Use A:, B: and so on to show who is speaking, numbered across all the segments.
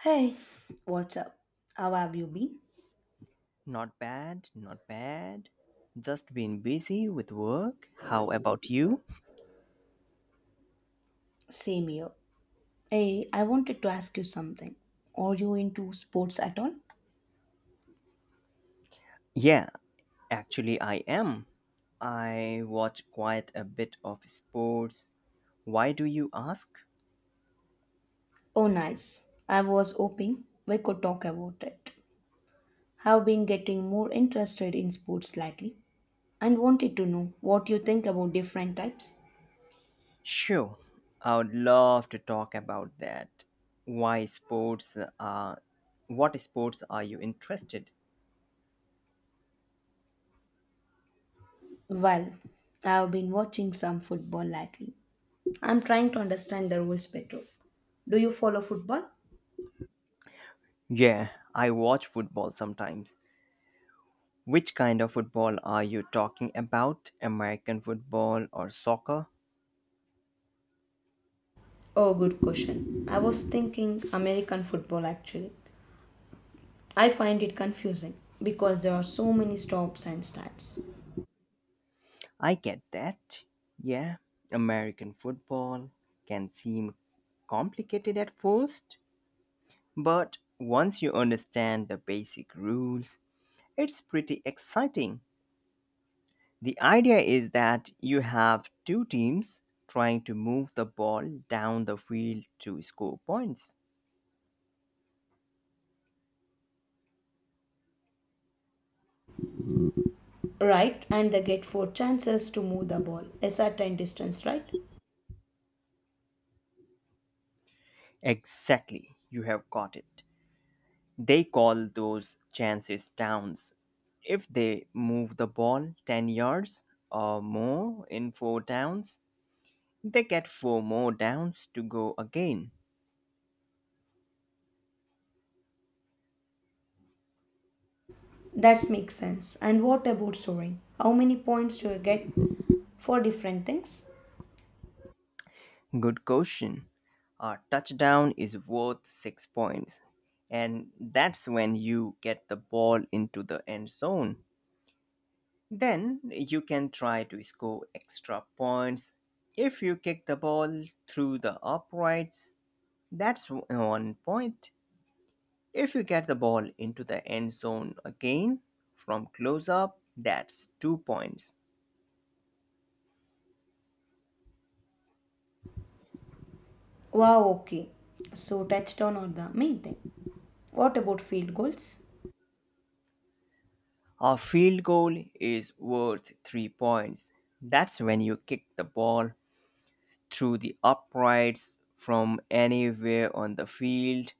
A: Hey, what's up? How have you been?
B: Not bad, not bad. Just been busy with work. How about you?
A: Same here. Hey, I wanted to ask you something. Are you into sports at all?
B: Yeah, actually, I am. I watch quite a bit of sports. Why do you ask?
A: Oh, nice. I was hoping we could talk about it. I've been getting more interested in sports lately and wanted to know what you think about different types.
B: Sure, I would love to talk about that. Why sports are. What sports are you interested?
A: Well, I've been watching some football lately. I'm trying to understand the rules better. Do you follow football?
B: Yeah, I watch football sometimes. Which kind of football are you talking about? American football or soccer?
A: Oh, good question. I was thinking American football actually. I find it confusing because there are so many stops and starts.
B: I get that. Yeah, American football can seem complicated at first, but once you understand the basic rules, it's pretty exciting. The idea is that you have two teams trying to move the ball down the field to score points.
A: Right, and they get four chances to move the ball a certain distance, right?
B: Exactly, you have got it. They call those chances downs. If they move the ball 10 yards or more in 4 downs, they get 4 more downs to go again.
A: That makes sense. And what about scoring? How many points do you get for different things?
B: Good question. A touchdown is worth 6 points. And that's when you get the ball into the end zone. Then you can try to score extra points. If you kick the ball through the uprights, that's 1 point. If you get the ball into the end zone again from close up, that's 2 points.
A: Wow, okay. So touchdown are the main thing. What about field goals?
B: A field goal is worth 3 points. That's when you kick the ball through the uprights from anywhere on the field.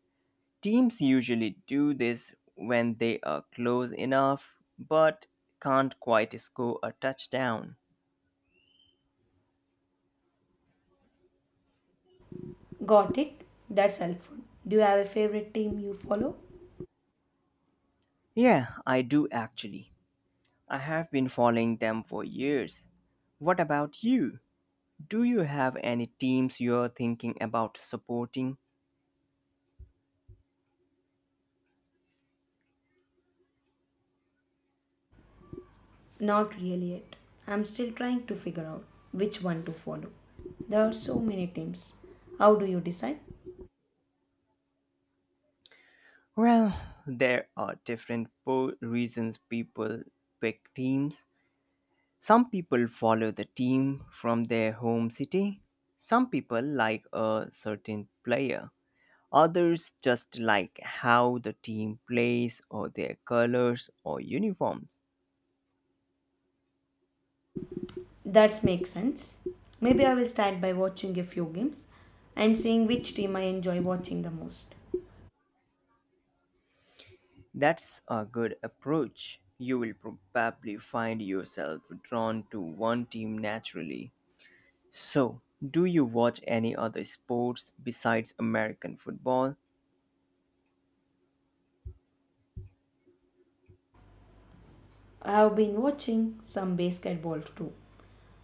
B: Teams usually do this when they are close enough but can't quite score a touchdown.
A: Got it. That's helpful. Do you have a favorite team you follow?
B: Yeah, I do actually. I have been following them for years. What about you? Do you have any teams you're thinking about supporting?
A: Not really yet. I'm still trying to figure out which one to follow. There are so many teams. How do you decide?
B: Well, there are different reasons people pick teams. Some people follow the team from their home city. Some people like a certain player. Others just like how the team plays or their colors or uniforms.
A: That makes sense. Maybe I will start by watching a few games and seeing which team I enjoy watching the most.
B: That's a good approach. You will probably find yourself drawn to one team naturally. So, do you watch any other sports besides American football?
A: I have been watching some basketball too.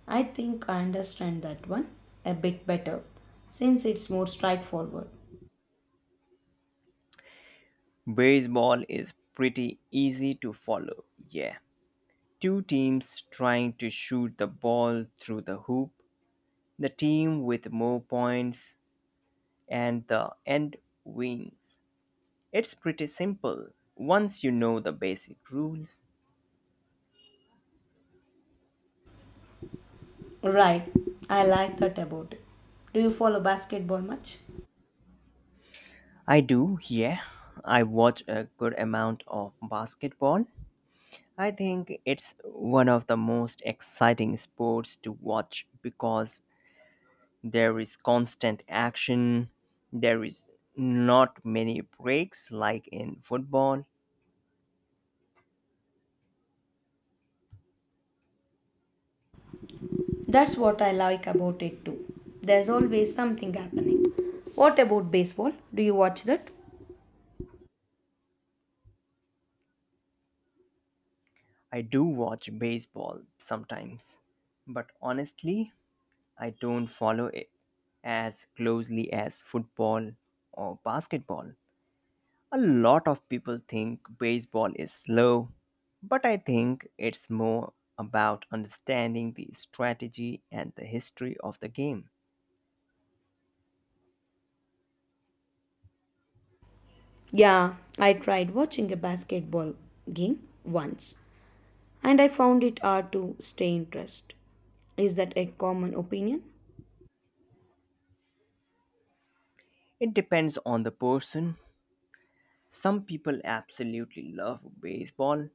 A: I think I understand that one a bit better since it's more straightforward.
B: Baseball is pretty easy to follow, yeah. Two teams trying to shoot the ball through the hoop, the team with more points and the end wins. It's pretty simple once you know the basic rules.
A: Right, I like that about it. Do you follow basketball much?
B: I do, yeah. I watch a good amount of basketball. I think it's one of the most exciting sports to watch because there is constant action. There is not many breaks like in football.
A: That's what I like about it too. There's always something happening. What about baseball? Do you watch that?
B: I do watch baseball sometimes, but honestly, I don't follow it as closely as football or basketball. A lot of people think baseball is slow, but I think it's more about understanding the strategy and the history of the game.
A: Yeah, I tried watching a basketball game once and I found it hard to stay interested. Is that a common opinion?
B: It depends on the person. Some people absolutely love baseball,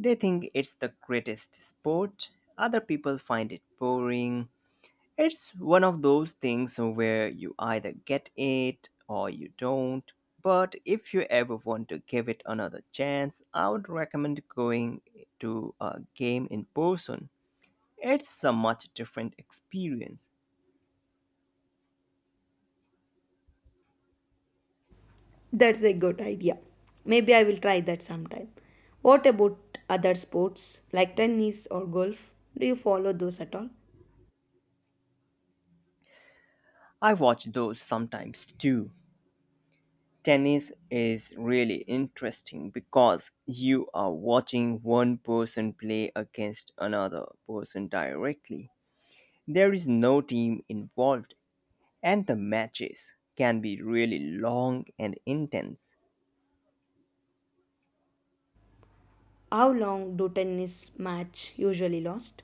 B: they think it's the greatest sport. Other people find it boring. It's one of those things where you either get it or you don't. But if you ever want to give it another chance, I would recommend going to a game in person. It's a much different experience.
A: That's a good idea. Maybe I will try that sometime. What about other sports like tennis or golf? Do you follow those at all?
B: I watch those sometimes too. Tennis is really interesting because you are watching one person play against another person directly. There is no team involved and the matches can be really long and intense.
A: How long do tennis match usually last?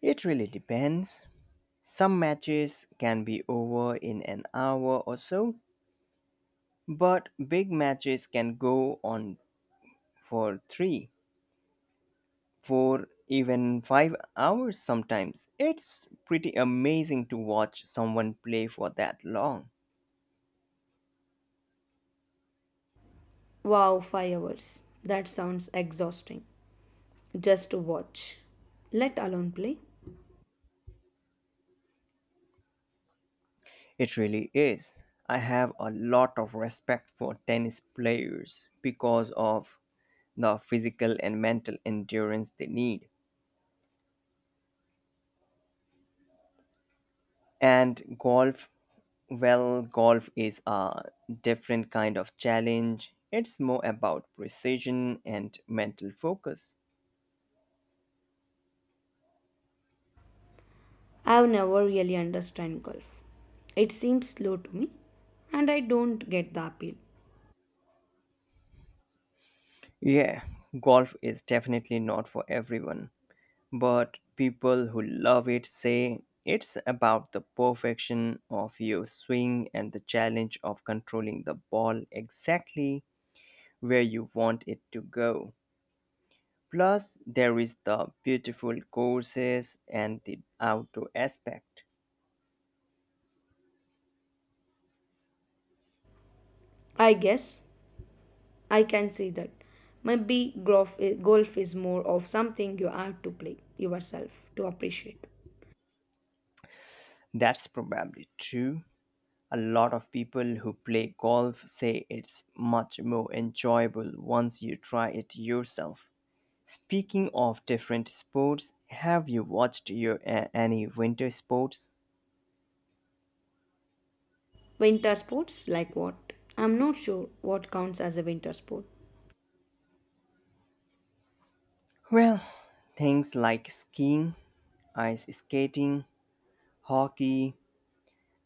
B: It really depends. Some matches can be over in an hour or so, but big matches can go on for three, four, even 5 hours sometimes. It's pretty amazing to watch someone play for that long.
A: Wow, 5 hours. That sounds exhausting. Just to watch. Let alone play.
B: It really is. I have a lot of respect for tennis players because of the physical and mental endurance they need. And golf, well, golf is a different kind of challenge. It's more about precision and mental focus.
A: I've never really understand golf. It seems slow to me, and I don't get the appeal.
B: Yeah, golf is definitely not for everyone, but people who love it say it's about the perfection of your swing and the challenge of controlling the ball exactly where you want it to go. Plus, there is the beautiful courses and the outdoor aspect.
A: I guess I can see that. Maybe golf is more of something you have to play yourself to appreciate.
B: That's probably true. A lot of people who play golf say it's much more enjoyable once you try it yourself. Speaking of different sports, have you watched any winter sports?
A: Winter sports like what? I'm not sure what counts as a winter sport.
B: Well, things like skiing, ice skating, hockey,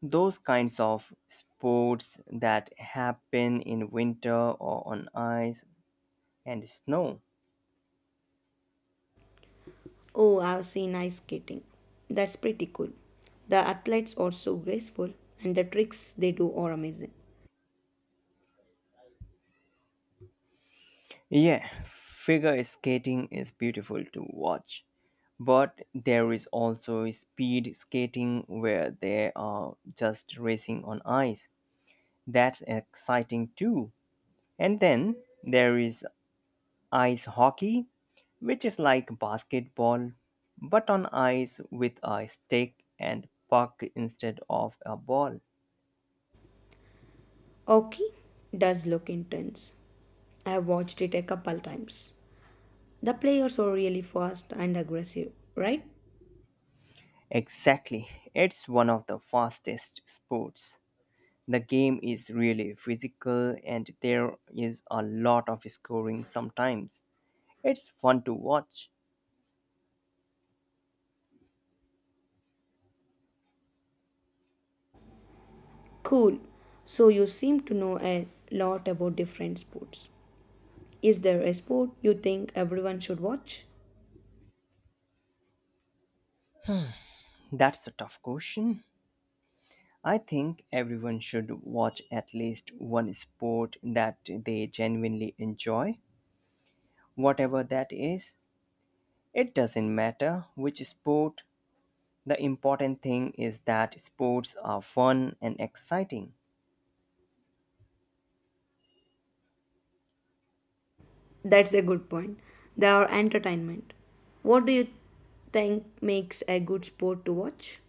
B: those kinds of sports that happen in winter or on ice and snow.
A: Oh, I've seen ice skating. That's pretty cool. The athletes are so graceful, and the tricks they do are amazing.
B: Yeah, figure skating is beautiful to watch, but there is also speed skating where they are just racing on ice. That's exciting too. And then there is ice hockey, which is like basketball, but on ice with a stick and puck instead of a ball.
A: Hockey does look intense. I have watched it a couple times. The players are really fast and aggressive, right?
B: Exactly, it's one of the fastest sports. The game is really physical and there is a lot of scoring sometimes. It's fun to watch.
A: Cool. So you seem to know a lot about different sports. Is there a sport you think everyone should watch?
B: That's a tough question. I think everyone should watch at least one sport that they genuinely enjoy, whatever that is. It doesn't matter which sport, the important thing is that sports are fun and exciting.
A: That's a good point. They are entertainment. What do you think makes a good sport to watch?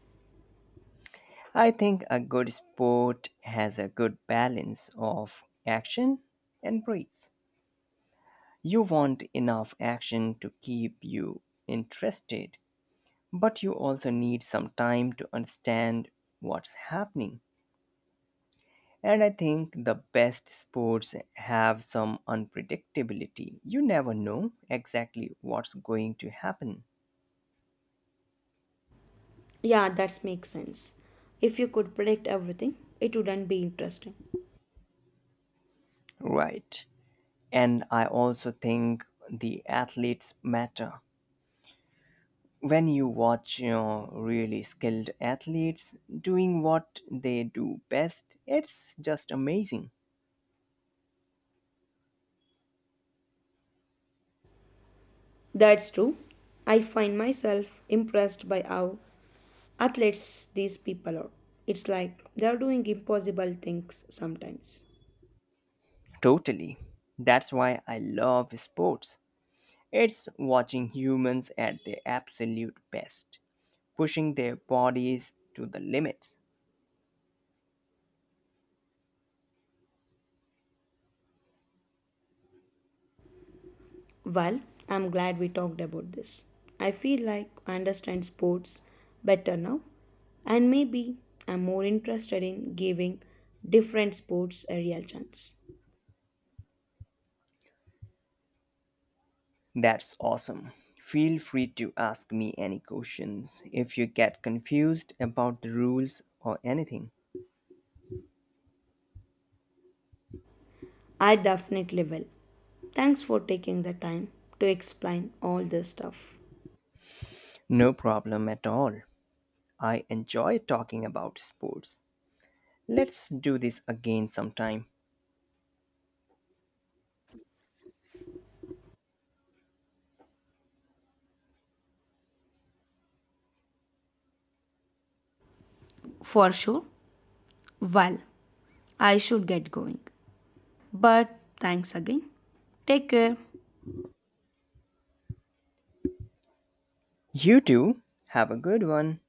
B: I think a good sport has a good balance of action and breaks. You want enough action to keep you interested, but you also need some time to understand what's happening. And I think the best sports have some unpredictability. You never know exactly what's going to happen.
A: Yeah, that makes sense. If you could predict everything, it wouldn't be interesting.
B: Right. And I also think the athletes matter. When you watch really skilled athletes doing what they do best, it's just amazing.
A: That's true. I find myself impressed by how athletes these people are. It's like they're doing impossible things sometimes.
B: Totally. That's why I love sports. It's watching humans at their absolute best, pushing their bodies to the limits.
A: Well, I'm glad we talked about this. I feel like I understand sports better now, and maybe I'm more interested in giving different sports a real chance.
B: That's awesome. Feel free to ask me any questions if you get confused about the rules or anything.
A: I definitely will. Thanks for taking the time to explain all this stuff.
B: No problem at all. I enjoy talking about sports. Let's do this again sometime.
A: For sure. Well, I should get going. But thanks again. Take care.
B: You too. Have a good one.